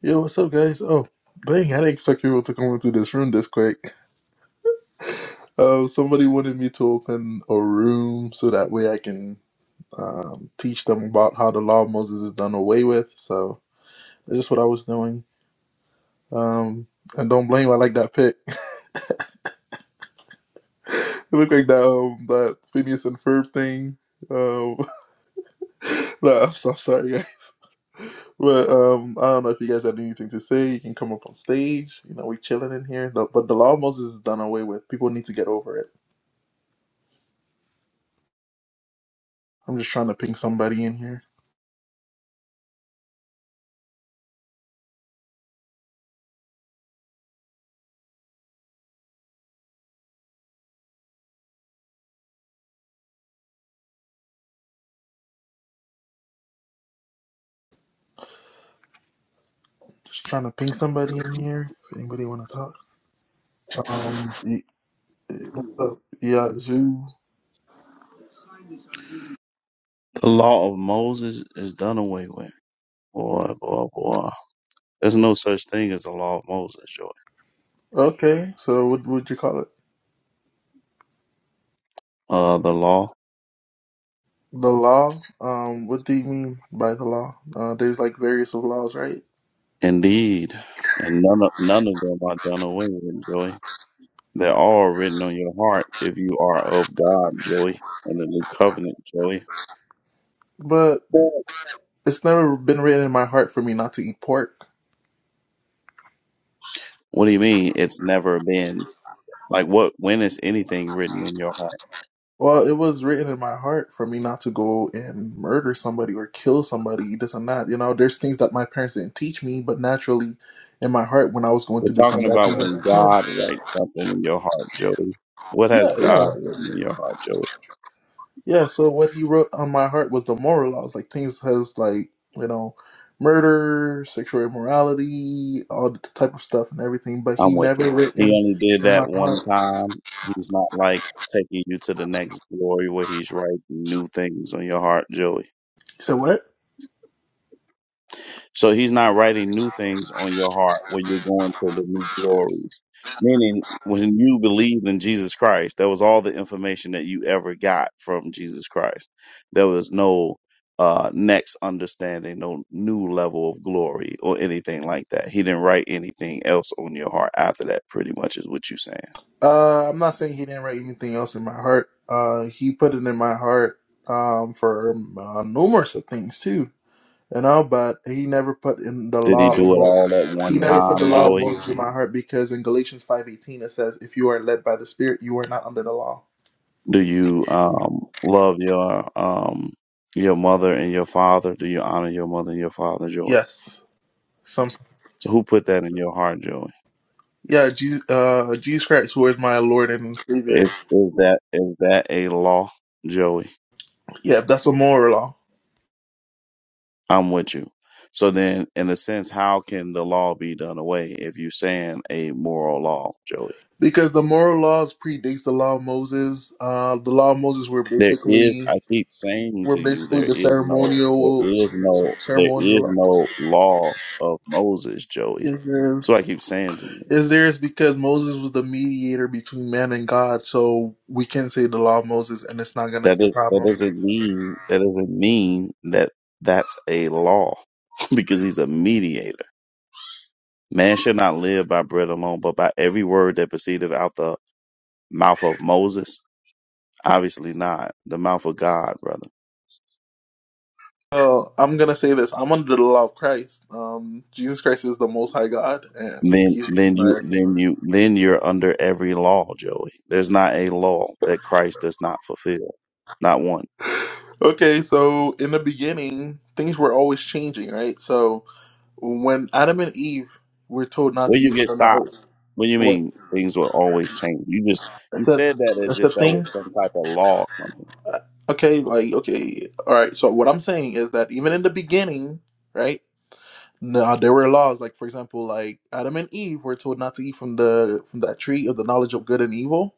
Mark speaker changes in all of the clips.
Speaker 1: Yo, what's up, guys? Oh, dang, I didn't expect people to come into this room this quick. Um, somebody wanted me to open a room so that way I can um, teach them about how the law of Moses is done away with. So that's just what I was doing. Um, and don't blame, I like that pic. It looked like that um, that Phineas and Ferb thing. Um, no, I'm so sorry, guys. But um, I don't know if you guys had anything to say. You can come up on stage. You know, we chilling in here. The- But the law of Moses is done away with. People need to get over it. I'm just trying to ping somebody in here. Just trying to ping somebody in here. If anybody want to talk. Um. y- What's up? Yeah, zoo.
Speaker 2: The law of Moses is done away with. Boy, boy, boy. There's no such thing as the law of Moses, Joy.
Speaker 1: Okay. So what would you call it?
Speaker 2: Uh, the law,
Speaker 1: The law. Um. What do you mean by the law? Uh, there's like various of laws, right?
Speaker 2: indeed, and none of none of them are done away with, Joy. They're all written on your heart if you are of God, Joy, and the new covenant, Joy.
Speaker 1: But it's never been written in my heart for me not to eat pork.
Speaker 2: What do you mean? It's never been like what? When is anything written in your heart?
Speaker 1: Well, it was written in my heart for me not to go and murder somebody or kill somebody, this and that. You know, there's things that my parents didn't teach me, but naturally, in my heart, when I was going
Speaker 2: We're
Speaker 1: to do some
Speaker 2: talking
Speaker 1: bad
Speaker 2: about
Speaker 1: things as a
Speaker 2: when
Speaker 1: kid.
Speaker 2: God writes something in your heart, Joey. What
Speaker 1: Yeah,
Speaker 2: has
Speaker 1: yeah,
Speaker 2: God written in your heart, Joey?
Speaker 1: yeah. So what he wrote on my heart was the moral laws, like things has like you know, murder, sexual immorality, all the type of stuff and everything. But he
Speaker 2: I'm with you.
Speaker 1: never
Speaker 2: He
Speaker 1: written
Speaker 2: only did
Speaker 1: in my
Speaker 2: that one
Speaker 1: heart.
Speaker 2: time. He's not like taking you to the next glory where he's writing new things on your heart, Joey.
Speaker 1: So what?
Speaker 2: So he's not writing new things on your heart where you're going to the new glories. Meaning, when you believed in Jesus Christ, that was all the information that you ever got from Jesus Christ. There was no uh, next understanding, no new level of glory or anything like that. He didn't write anything else on your heart after that, pretty much, is what you're saying.
Speaker 1: Uh, I'm not saying he didn't write anything else in my heart. Uh, he put it in my heart um, for um, uh, numerous of things too. You know, but he never put in the
Speaker 2: Did he
Speaker 1: law of
Speaker 2: do it
Speaker 1: Mo-
Speaker 2: all at
Speaker 1: he
Speaker 2: one
Speaker 1: never put the
Speaker 2: time,
Speaker 1: law of
Speaker 2: Joey?
Speaker 1: Moses in my heart because in Galatians five eighteen it says, "If you are led by the Spirit, you are not under the law."
Speaker 2: Do you um, love your um, your mother and your father? Do you honor your mother and your father, Joey?
Speaker 1: Yes. Some
Speaker 2: So who put that in your heart, Joey?
Speaker 1: yeah, Jesus, uh, Jesus Christ, who is my Lord and Savior.
Speaker 2: Is is that is that a law, Joey?
Speaker 1: Yeah, that's a moral law
Speaker 2: I'm with you. So then, in a sense, how can the law be done away if you're saying a moral law, Joey?
Speaker 1: because the moral laws predates the law of Moses. Uh, the law of Moses were
Speaker 2: There is,
Speaker 1: basically
Speaker 2: I keep saying to
Speaker 1: were
Speaker 2: you,
Speaker 1: basically
Speaker 2: there
Speaker 1: the
Speaker 2: is no, there
Speaker 1: ceremonial
Speaker 2: is no, there
Speaker 1: ceremonial
Speaker 2: is
Speaker 1: laws.
Speaker 2: no law of Moses, Joey.
Speaker 1: Is there
Speaker 2: So I keep saying to you
Speaker 1: is there is because Moses was the mediator between man and God, so we can say the law of Moses, and it's not gonna
Speaker 2: that
Speaker 1: be a
Speaker 2: it, that
Speaker 1: problem.
Speaker 2: doesn't mean, that doesn't mean that that's a law because he's a mediator. Man shall not live by bread alone, but by every word that proceedeth out the mouth of Moses. Obviously not the mouth of God, brother.
Speaker 1: Well, I'm gonna say this: I'm under the law of Christ. Um, Jesus Christ is the Most High God, and
Speaker 2: then
Speaker 1: He's the
Speaker 2: then you
Speaker 1: one I
Speaker 2: then you then you're under every law, Joey. There's not a law that Christ does not fulfill. Not one.
Speaker 1: Okay, so in the beginning, things were always changing, right? So when Adam and Eve were told not to
Speaker 2: When
Speaker 1: eat
Speaker 2: you
Speaker 1: from
Speaker 2: get
Speaker 1: the
Speaker 2: stopped.
Speaker 1: knowledge,
Speaker 2: What do you
Speaker 1: what
Speaker 2: mean things will always change? You just you
Speaker 1: except
Speaker 2: said that as if
Speaker 1: except
Speaker 2: that was
Speaker 1: things.
Speaker 2: some type of law or something.
Speaker 1: Okay, like okay, all right. So what I'm saying is that even in the beginning, right? Now there were laws, like for example, like Adam and Eve were told not to eat from the from that tree of the knowledge of good and evil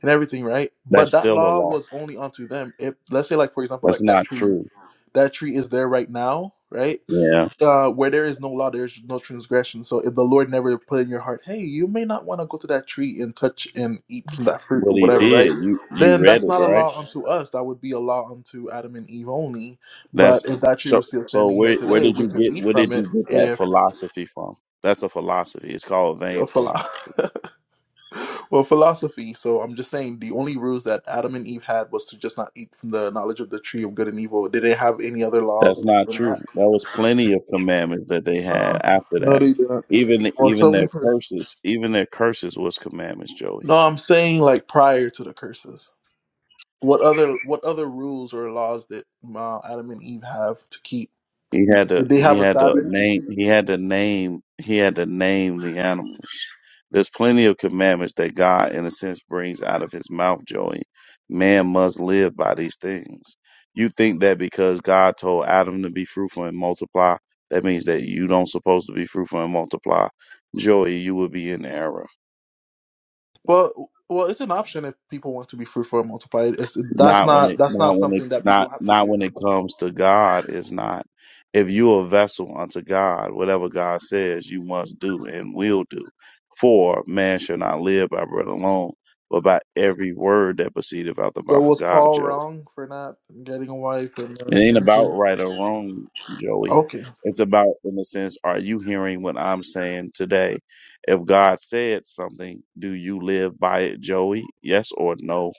Speaker 1: and everything, right? But
Speaker 2: That's
Speaker 1: that
Speaker 2: still a
Speaker 1: law
Speaker 2: law.
Speaker 1: was only onto them. If let's say, like for example,
Speaker 2: That's
Speaker 1: like that
Speaker 2: not
Speaker 1: tree,
Speaker 2: true.
Speaker 1: that tree is there right now, right?
Speaker 2: Yeah.
Speaker 1: uh, where there is no law, there is no transgression. So if the Lord never put in your heart, hey, you may not want to go to that tree and touch and eat from that fruit
Speaker 2: But
Speaker 1: or
Speaker 2: he
Speaker 1: whatever, right?
Speaker 2: did. You you
Speaker 1: Then
Speaker 2: read
Speaker 1: that's
Speaker 2: it,
Speaker 1: not a
Speaker 2: right?
Speaker 1: law unto us. That would be a law unto Adam and Eve only.
Speaker 2: That's
Speaker 1: But if that tree
Speaker 2: so
Speaker 1: was still
Speaker 2: so
Speaker 1: standing here
Speaker 2: where where
Speaker 1: today,
Speaker 2: did
Speaker 1: we
Speaker 2: you
Speaker 1: could
Speaker 2: get
Speaker 1: eat
Speaker 2: where
Speaker 1: from
Speaker 2: did you
Speaker 1: it
Speaker 2: get that
Speaker 1: if
Speaker 2: philosophy from? That's a philosophy. It's called vain
Speaker 1: well, philo-
Speaker 2: philosophy.
Speaker 1: well philosophy. So I'm just saying the only rules that Adam and Eve had was to just not eat from the knowledge of the tree of good and evil. Did they have any other
Speaker 2: That's
Speaker 1: laws
Speaker 2: not
Speaker 1: other than
Speaker 2: true.
Speaker 1: that?
Speaker 2: That was plenty of commandments that they had after
Speaker 1: No,
Speaker 2: that.
Speaker 1: they didn't.
Speaker 2: Even
Speaker 1: Well,
Speaker 2: even
Speaker 1: show me.
Speaker 2: their curses, even their curses was commandments, Joey.
Speaker 1: No, I'm saying like prior to the curses. What other what other rules or laws did uh, Adam and Eve have to keep?
Speaker 2: He had to
Speaker 1: Did they
Speaker 2: he
Speaker 1: have a
Speaker 2: had to
Speaker 1: Sabbath to
Speaker 2: name
Speaker 1: keep?
Speaker 2: he had to name he had to name the animals. There's plenty of commandments that God in a sense brings out of his mouth, Joey. Man must live by these things. You think that because God told Adam to be fruitful and multiply, that means that you don't supposed to be fruitful and multiply. Joey, you would be in error.
Speaker 1: Well, well, it's an option if people want to be fruitful and multiply. It's, that's
Speaker 2: Not when
Speaker 1: not
Speaker 2: it
Speaker 1: that's
Speaker 2: not
Speaker 1: not
Speaker 2: when it
Speaker 1: something that people
Speaker 2: not
Speaker 1: have to
Speaker 2: not
Speaker 1: do.
Speaker 2: when it comes to God is not. If you a vessel unto God, whatever God says you must do and will do. For man shall not live by bread alone, but by every word that proceedeth out the
Speaker 1: So
Speaker 2: mouth of
Speaker 1: was
Speaker 2: God,
Speaker 1: Paul
Speaker 2: Joey.
Speaker 1: wrong for not getting a wife and then
Speaker 2: It ain't
Speaker 1: having
Speaker 2: about
Speaker 1: kids?
Speaker 2: right or wrong, Joey.
Speaker 1: Okay.
Speaker 2: It's about in the sense, are you hearing what I'm saying today? If God said something, do you live by it, Joey? Yes or no?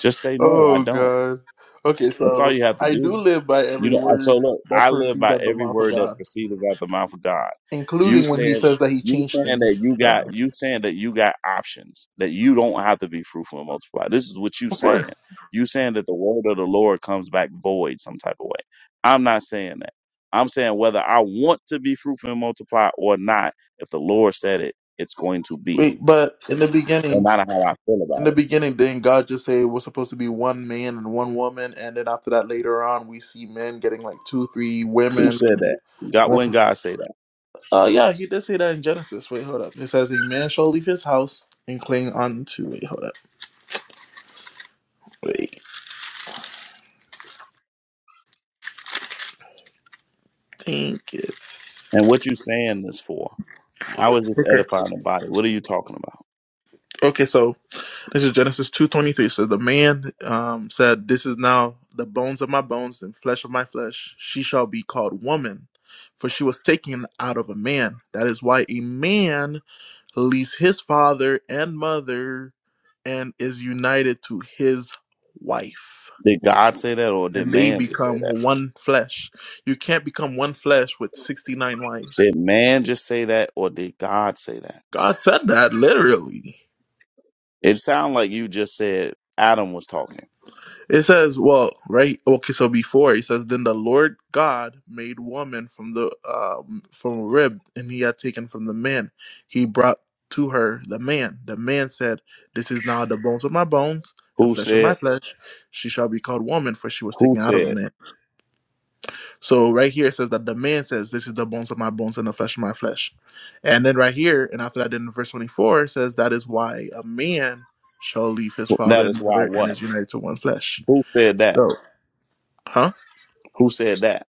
Speaker 2: Just say no, I
Speaker 1: Oh
Speaker 2: don't.
Speaker 1: God. Okay,
Speaker 2: That's all
Speaker 1: so
Speaker 2: you have to
Speaker 1: I do
Speaker 2: do.
Speaker 1: live by
Speaker 2: You
Speaker 1: every
Speaker 2: know, so
Speaker 1: word
Speaker 2: look,
Speaker 1: that
Speaker 2: I live
Speaker 1: proceeds
Speaker 2: by
Speaker 1: out of the
Speaker 2: every
Speaker 1: mouth of
Speaker 2: word that
Speaker 1: God,
Speaker 2: proceedeth out the mouth of God. You
Speaker 1: including when He
Speaker 2: saying,
Speaker 1: says that He
Speaker 2: you
Speaker 1: changed
Speaker 2: saying that
Speaker 1: things.
Speaker 2: you got,
Speaker 1: So,
Speaker 2: you saying that you got options, that you don't have to be fruitful and multiply. This is what you
Speaker 1: of course.
Speaker 2: saying. You saying that the word of the Lord comes back void some type of way. I'm not saying that. I'm saying whether I want to be fruitful and multiply or not, if the Lord said it, it's going to be,
Speaker 1: Wait, but in the
Speaker 2: no
Speaker 1: beginning,
Speaker 2: matter how I feel
Speaker 1: in
Speaker 2: about
Speaker 1: the
Speaker 2: it.
Speaker 1: beginning, didn't God just say we're supposed to be one man and one woman, and then after that, later on, we see men getting like two, three
Speaker 2: Who
Speaker 1: women.
Speaker 2: said
Speaker 1: And
Speaker 2: that? God, when
Speaker 1: multi-
Speaker 2: God say that?
Speaker 1: uh, yeah, he did say that in Genesis. Wait, hold up. It says a man shall leave his house and cling on to. Wait, hold up. Wait, think it's
Speaker 2: And what you saying this for? How is this
Speaker 1: okay.
Speaker 2: edifying the body? What are you talking about?
Speaker 1: Okay, so This is Genesis 2.23. So the man um, said, This is now the bones of my bones and flesh of my flesh. She shall be called woman, for she was taken out of a man. That is why a man leaves his father and mother and is united to his wife.
Speaker 2: Did God say that or did
Speaker 1: And they
Speaker 2: man just say
Speaker 1: become
Speaker 2: that?
Speaker 1: one flesh. You can't become one flesh with 69 wives.
Speaker 2: Did man just say that or did God say that?
Speaker 1: God said that literally.
Speaker 2: It sounds like you just said Adam was talking.
Speaker 1: It says, well, right? Okay, so before he says, then the Lord God made woman from the um, from a rib, and he had taken from the man. He brought to her the man. The man said, "This is now the bones of my bones and
Speaker 2: Who
Speaker 1: flesh of my
Speaker 2: said?
Speaker 1: flesh. She shall be called woman, for she was
Speaker 2: Who
Speaker 1: taken out of the
Speaker 2: said?
Speaker 1: man." So right here it says that the man says, "This is the bones of my bones and the flesh of my flesh," and then right here, and after that, in verse twenty-four, it says, "That is why a man shall leave his
Speaker 2: That
Speaker 1: father
Speaker 2: is
Speaker 1: and
Speaker 2: why
Speaker 1: mother and
Speaker 2: what?
Speaker 1: is united to one flesh."
Speaker 2: Who said that?
Speaker 1: So, huh?
Speaker 2: Who said that?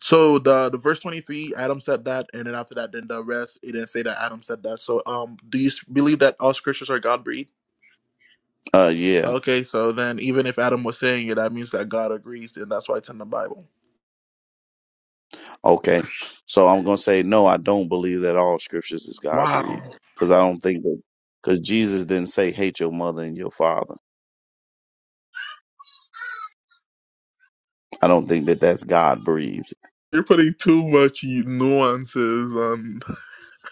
Speaker 1: So the the verse twenty three, Adam said that, and then after that, then the rest, it didn't say that Adam said that. So um, do you s- believe that all scriptures are God breathed?
Speaker 2: Uh, yeah.
Speaker 1: Okay, so then even if Adam was saying it, that means that God agrees, and that's why it's in the Bible.
Speaker 2: Okay. So I'm going to say, no, I don't believe that all scriptures is God
Speaker 1: Wow,
Speaker 2: breathed because I don't think that, because Jesus didn't say, hate your mother and your father. I don't think that that's God breathed.
Speaker 1: you're putting too much nuances on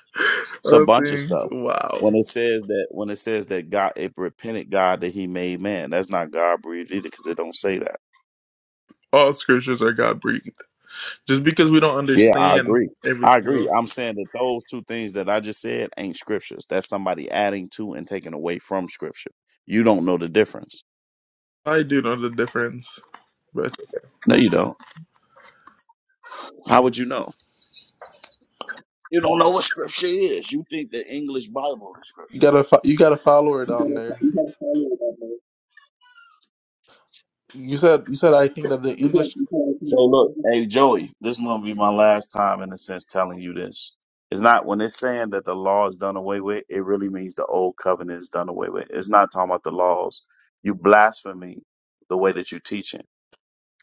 Speaker 2: It's a
Speaker 1: on
Speaker 2: bunch of
Speaker 1: things.
Speaker 2: stuff.
Speaker 1: Wow,
Speaker 2: When it says that, when it says that God, it repented God that He made man. That's not God breathed either, because it don't say that.
Speaker 1: all scriptures are God breathed. Just because we don't
Speaker 2: Yeah, I
Speaker 1: understand
Speaker 2: agree.
Speaker 1: every
Speaker 2: I
Speaker 1: single,
Speaker 2: agree. I'm saying that those two things that I just said ain't scriptures. That's somebody adding to and taking away from scripture. You don't know the difference.
Speaker 1: I do know the difference, but
Speaker 2: No, you don't. How would you know? You don't know what scripture is. You think the English Bible is
Speaker 1: you
Speaker 2: scripture.
Speaker 1: gotta fo- you gotta follow it on there. You said you said I think that the English
Speaker 2: So look, hey Joey, this is gonna be my last time in a sense telling you this. It's not when it's saying that the law is done away with, it really means the old covenant is done away with. It's not talking about the laws. You blasphemy the way that you teach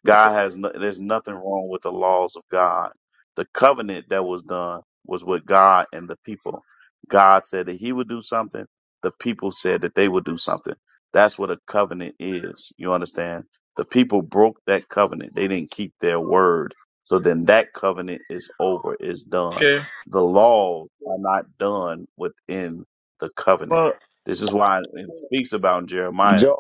Speaker 2: God has no, there's nothing wrong with the laws of God. The covenant that was done was with God and the people. God said that he would do something. The people said that they would do something. That's what a covenant is. You understand? The people broke that covenant. They didn't keep their word. So then that covenant is over, is done.
Speaker 1: Okay.
Speaker 2: The laws are not done within the covenant.
Speaker 1: Well,
Speaker 2: This is why it speaks about Jeremiah
Speaker 3: Joe,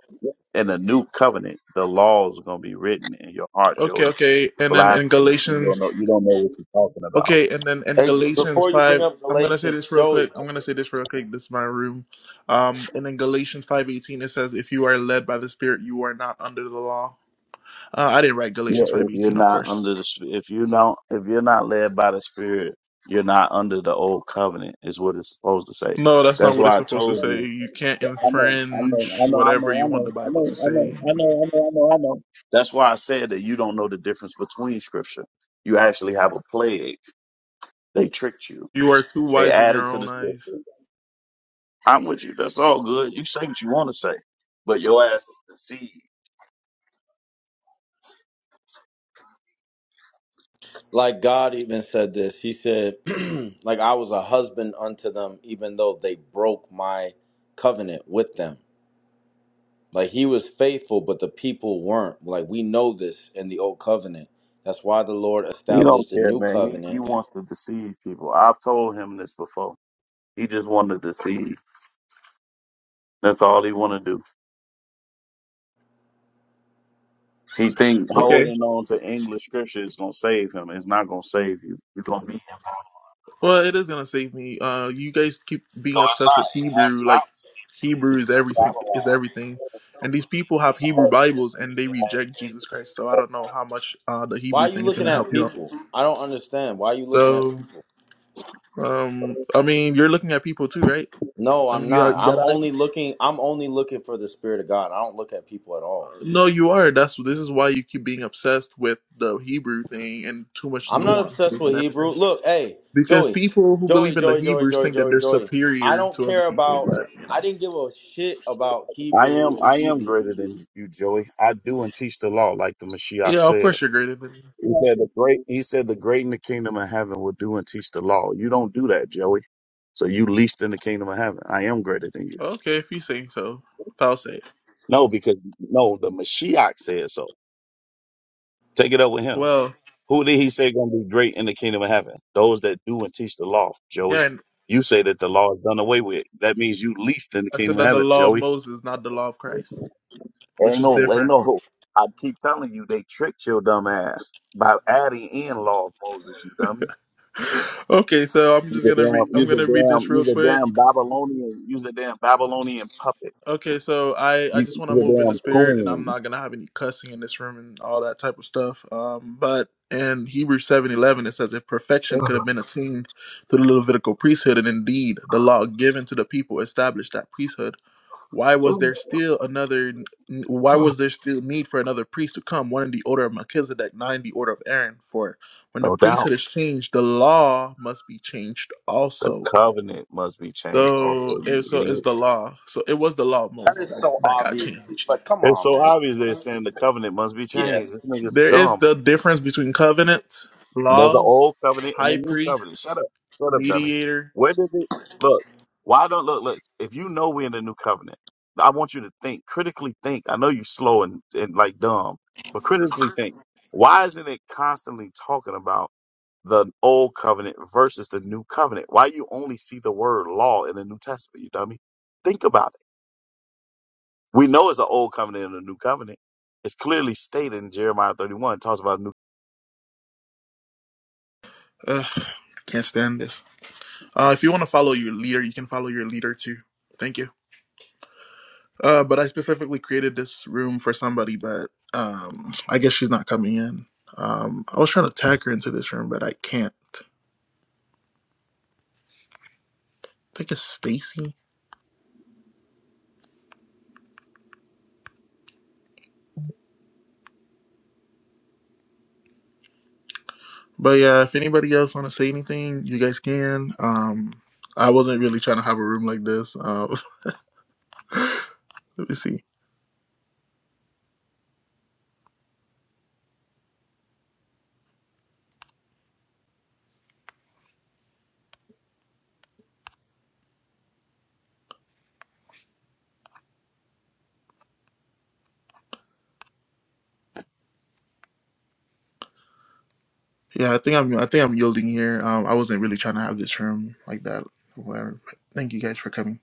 Speaker 2: in the new covenant, the laws are gonna be written in your heart,
Speaker 1: okay,
Speaker 2: Joey.
Speaker 1: okay. And then in
Speaker 2: Blasphemy, and you don't
Speaker 1: Galatians,
Speaker 2: know you don't know what you're talking about.
Speaker 1: okay, and then in
Speaker 3: hey, Jo-
Speaker 1: Galatians
Speaker 3: before you bring
Speaker 1: 5,
Speaker 3: up
Speaker 1: I'm going to say
Speaker 3: Galatians,
Speaker 1: this real
Speaker 3: Joey,
Speaker 1: quick. I'm going to say this real quick. This is my room. Um, and in Galatians 5:18 it says if you are led by the Spirit, you are not under the law. Uh, I didn't write
Speaker 2: Yeah,
Speaker 1: Galatians
Speaker 2: if you're
Speaker 1: 5:18, of
Speaker 2: not
Speaker 1: course.
Speaker 2: under the sp- if you don't if you're not led by the Spirit, you're not under the old covenant. Is what it's supposed to say.
Speaker 1: No, that's not
Speaker 2: That's
Speaker 1: what it's
Speaker 2: why I
Speaker 1: supposed to
Speaker 2: told
Speaker 1: say.
Speaker 2: you.
Speaker 1: You can't
Speaker 2: I know, I know,
Speaker 1: infringe
Speaker 2: I know, I
Speaker 1: whatever
Speaker 2: know,
Speaker 1: you
Speaker 2: I
Speaker 1: want the
Speaker 2: know, I
Speaker 1: Bible
Speaker 2: know,
Speaker 1: to
Speaker 2: I know,
Speaker 1: say.
Speaker 2: I know, I know, I know, I know. That's why I said that you don't know the difference between scripture. You actually have a plague. They tricked you.
Speaker 1: You are too
Speaker 2: They
Speaker 1: wise in your
Speaker 2: added to
Speaker 1: own
Speaker 2: the
Speaker 1: eyes.
Speaker 2: scripture. I'm with you. That's all good. You say what you want to say, but your ass is deceived.
Speaker 3: like God even said this. He said, like I was a husband unto them, even though they broke my covenant with them. Like he was faithful, but the people weren't. Like we know this in the old covenant. That's why the Lord
Speaker 2: He don't
Speaker 3: established a
Speaker 2: care,
Speaker 3: new
Speaker 2: man. He he
Speaker 3: covenant.
Speaker 2: wants to deceive people. I've told him this before. He just wanted to deceive. That's all he want to do. He think
Speaker 1: Okay.
Speaker 2: holding on to English scripture is gonna save him. It's not gonna save you. You're gonna be him.
Speaker 1: Well, it is gonna save me. Uh, you guys keep being
Speaker 2: No, it's
Speaker 1: obsessed
Speaker 2: not.
Speaker 1: with
Speaker 2: It has
Speaker 1: Hebrew, like
Speaker 2: not saved you
Speaker 1: Hebrew
Speaker 2: because
Speaker 1: is
Speaker 2: you
Speaker 1: every
Speaker 2: ain't
Speaker 1: sing- is
Speaker 2: Babylon. The
Speaker 1: everything,
Speaker 2: spirit of
Speaker 1: and
Speaker 2: truth
Speaker 1: these
Speaker 2: will lead
Speaker 1: people
Speaker 2: you
Speaker 1: have
Speaker 2: into
Speaker 1: Hebrew
Speaker 2: all truth.
Speaker 1: Bibles and
Speaker 2: If
Speaker 1: they
Speaker 2: it has
Speaker 1: reject
Speaker 2: saved
Speaker 1: Jesus
Speaker 2: you,
Speaker 1: Christ. So
Speaker 2: it
Speaker 1: I
Speaker 2: has
Speaker 1: don't know
Speaker 2: not.
Speaker 1: how much uh the
Speaker 3: Why are
Speaker 1: Hebrew
Speaker 3: you
Speaker 1: thing is
Speaker 3: looking
Speaker 1: gonna
Speaker 3: at
Speaker 1: help you out.
Speaker 3: people? I don't understand. Why are you looking at
Speaker 1: So
Speaker 3: people?
Speaker 1: um, I mean, you're looking at people too, right?
Speaker 3: No,
Speaker 1: I
Speaker 3: I'm
Speaker 1: mean, you,
Speaker 3: not.
Speaker 1: have, you
Speaker 3: I'm
Speaker 1: got
Speaker 3: only
Speaker 1: eyes.
Speaker 3: looking I'm only looking for the spirit of God. I don't look at people at all.
Speaker 1: Uh, No, you are. That's this is why you keep being obsessed with the Hebrew thing and too much
Speaker 3: I'm not obsessed
Speaker 1: nuances
Speaker 3: with
Speaker 1: and
Speaker 3: Hebrew.
Speaker 1: everything.
Speaker 3: Look, hey,
Speaker 1: Because
Speaker 3: Joey,
Speaker 1: people who believe
Speaker 3: Joey,
Speaker 1: in the
Speaker 3: Joey, Joey,
Speaker 1: Hebrews
Speaker 3: Joey,
Speaker 1: think that
Speaker 3: Joey,
Speaker 1: they're
Speaker 3: Joey. I
Speaker 1: superior
Speaker 3: don't
Speaker 1: to other
Speaker 3: care
Speaker 1: people,
Speaker 3: about.
Speaker 1: but you
Speaker 3: I
Speaker 1: know,
Speaker 3: didn't give a shit about
Speaker 2: I
Speaker 3: Hebrew
Speaker 2: am
Speaker 3: and
Speaker 2: I am
Speaker 3: Hebrews.
Speaker 2: greater than you, Joey. I do and teach the law, like the Mashiach
Speaker 1: yeah, of
Speaker 2: said.
Speaker 1: course you're greater than.
Speaker 2: He said the great he said the great in the kingdom of heaven will do and teach the law. You don't do that, Joey. So you least in the kingdom of heaven. I am greater than you.
Speaker 1: Okay, if you say so, I'll say it.
Speaker 2: No, because no, the Mashiach said so. Take it up with him.
Speaker 1: Well,
Speaker 2: Who did he say gonna be great in the kingdom of heaven? Those that do and teach the law,
Speaker 1: yeah,
Speaker 2: Joey.
Speaker 1: and
Speaker 2: You say that the law is done away with. That means you least in the
Speaker 1: I said
Speaker 2: kingdom of
Speaker 1: that the
Speaker 2: heaven,
Speaker 1: law of
Speaker 2: Joey.
Speaker 1: Moses, not the law of Christ, which
Speaker 2: Ain't
Speaker 1: is
Speaker 2: no ain't
Speaker 1: different.
Speaker 2: no I keep telling you they tricked your dumb ass by adding in law of Moses, you dummy.
Speaker 1: Okay, so I'm
Speaker 2: Use
Speaker 1: just
Speaker 2: a
Speaker 1: gonna read.
Speaker 2: damn,
Speaker 1: I'm
Speaker 2: use a
Speaker 1: gonna read this
Speaker 2: damn,
Speaker 1: real
Speaker 2: use a
Speaker 1: quick.
Speaker 2: damn Babylonian, use a damn Babylonian puppet.
Speaker 1: Okay, so I I
Speaker 2: Use
Speaker 1: just want to
Speaker 2: use a
Speaker 1: move in the
Speaker 2: damn
Speaker 1: spirit, and I'm
Speaker 2: coon.
Speaker 1: not gonna have any cussing in this room and all that type of stuff. Um, but in Hebrews seven eleven, it says, "If perfection could have been attained through the Levitical priesthood, and indeed the law given to the people established that priesthood." Why was there still another? Why was there still need for another priest to come, one in the order of Melchizedek, nine in the order of Aaron? For when the
Speaker 2: No doubt.
Speaker 1: priesthood is changed, the law must be changed
Speaker 2: The
Speaker 1: also.
Speaker 2: covenant must be changed
Speaker 1: So,
Speaker 2: also,
Speaker 1: it,
Speaker 2: you
Speaker 1: so it's
Speaker 2: idiot.
Speaker 1: the law. So it was the law of
Speaker 3: That
Speaker 1: Moses
Speaker 3: is
Speaker 1: that,
Speaker 3: so
Speaker 1: that got
Speaker 3: obvious.
Speaker 1: changed.
Speaker 3: Like, come
Speaker 2: It's
Speaker 3: on,
Speaker 2: so
Speaker 3: man.
Speaker 2: obvious they're saying the covenant must be
Speaker 3: Yeah.
Speaker 2: changed. This nigga's
Speaker 1: There is
Speaker 2: dumb.
Speaker 1: the difference between covenants,
Speaker 2: There's an
Speaker 1: laws,
Speaker 2: old covenant and
Speaker 1: high
Speaker 2: a new
Speaker 1: priest,
Speaker 2: covenant. Shut up. Shut up, dummy.
Speaker 1: mediator.
Speaker 2: Where did it look? Why don't look look if you know we're in the new covenant, I want you to think, critically think. I know you're slow and, and like dumb, but critically think. Why isn't it constantly talking about the old covenant versus the new covenant? Why you only see the word law in the New Testament, you dummy? Think about it. We know it's an old covenant and a new covenant. It's clearly stated in Jeremiah 31. It talks about a new
Speaker 1: Ugh, can't stand this. Uh, if you want to follow your leader, you can follow your leader too. Thank you. Uh, but I specifically created this room for somebody, but um, I guess she's not coming in. Um, I was trying to tag her into this room, but I can't. I think it's Stacy. But yeah, if anybody else want to say anything, you guys can. Um, I wasn't really trying to have a room like this. Uh, let me see. Yeah, I think I'm. I think I'm yielding here. Um, I wasn't really trying to have this room like that. Whatever. Thank you guys for coming.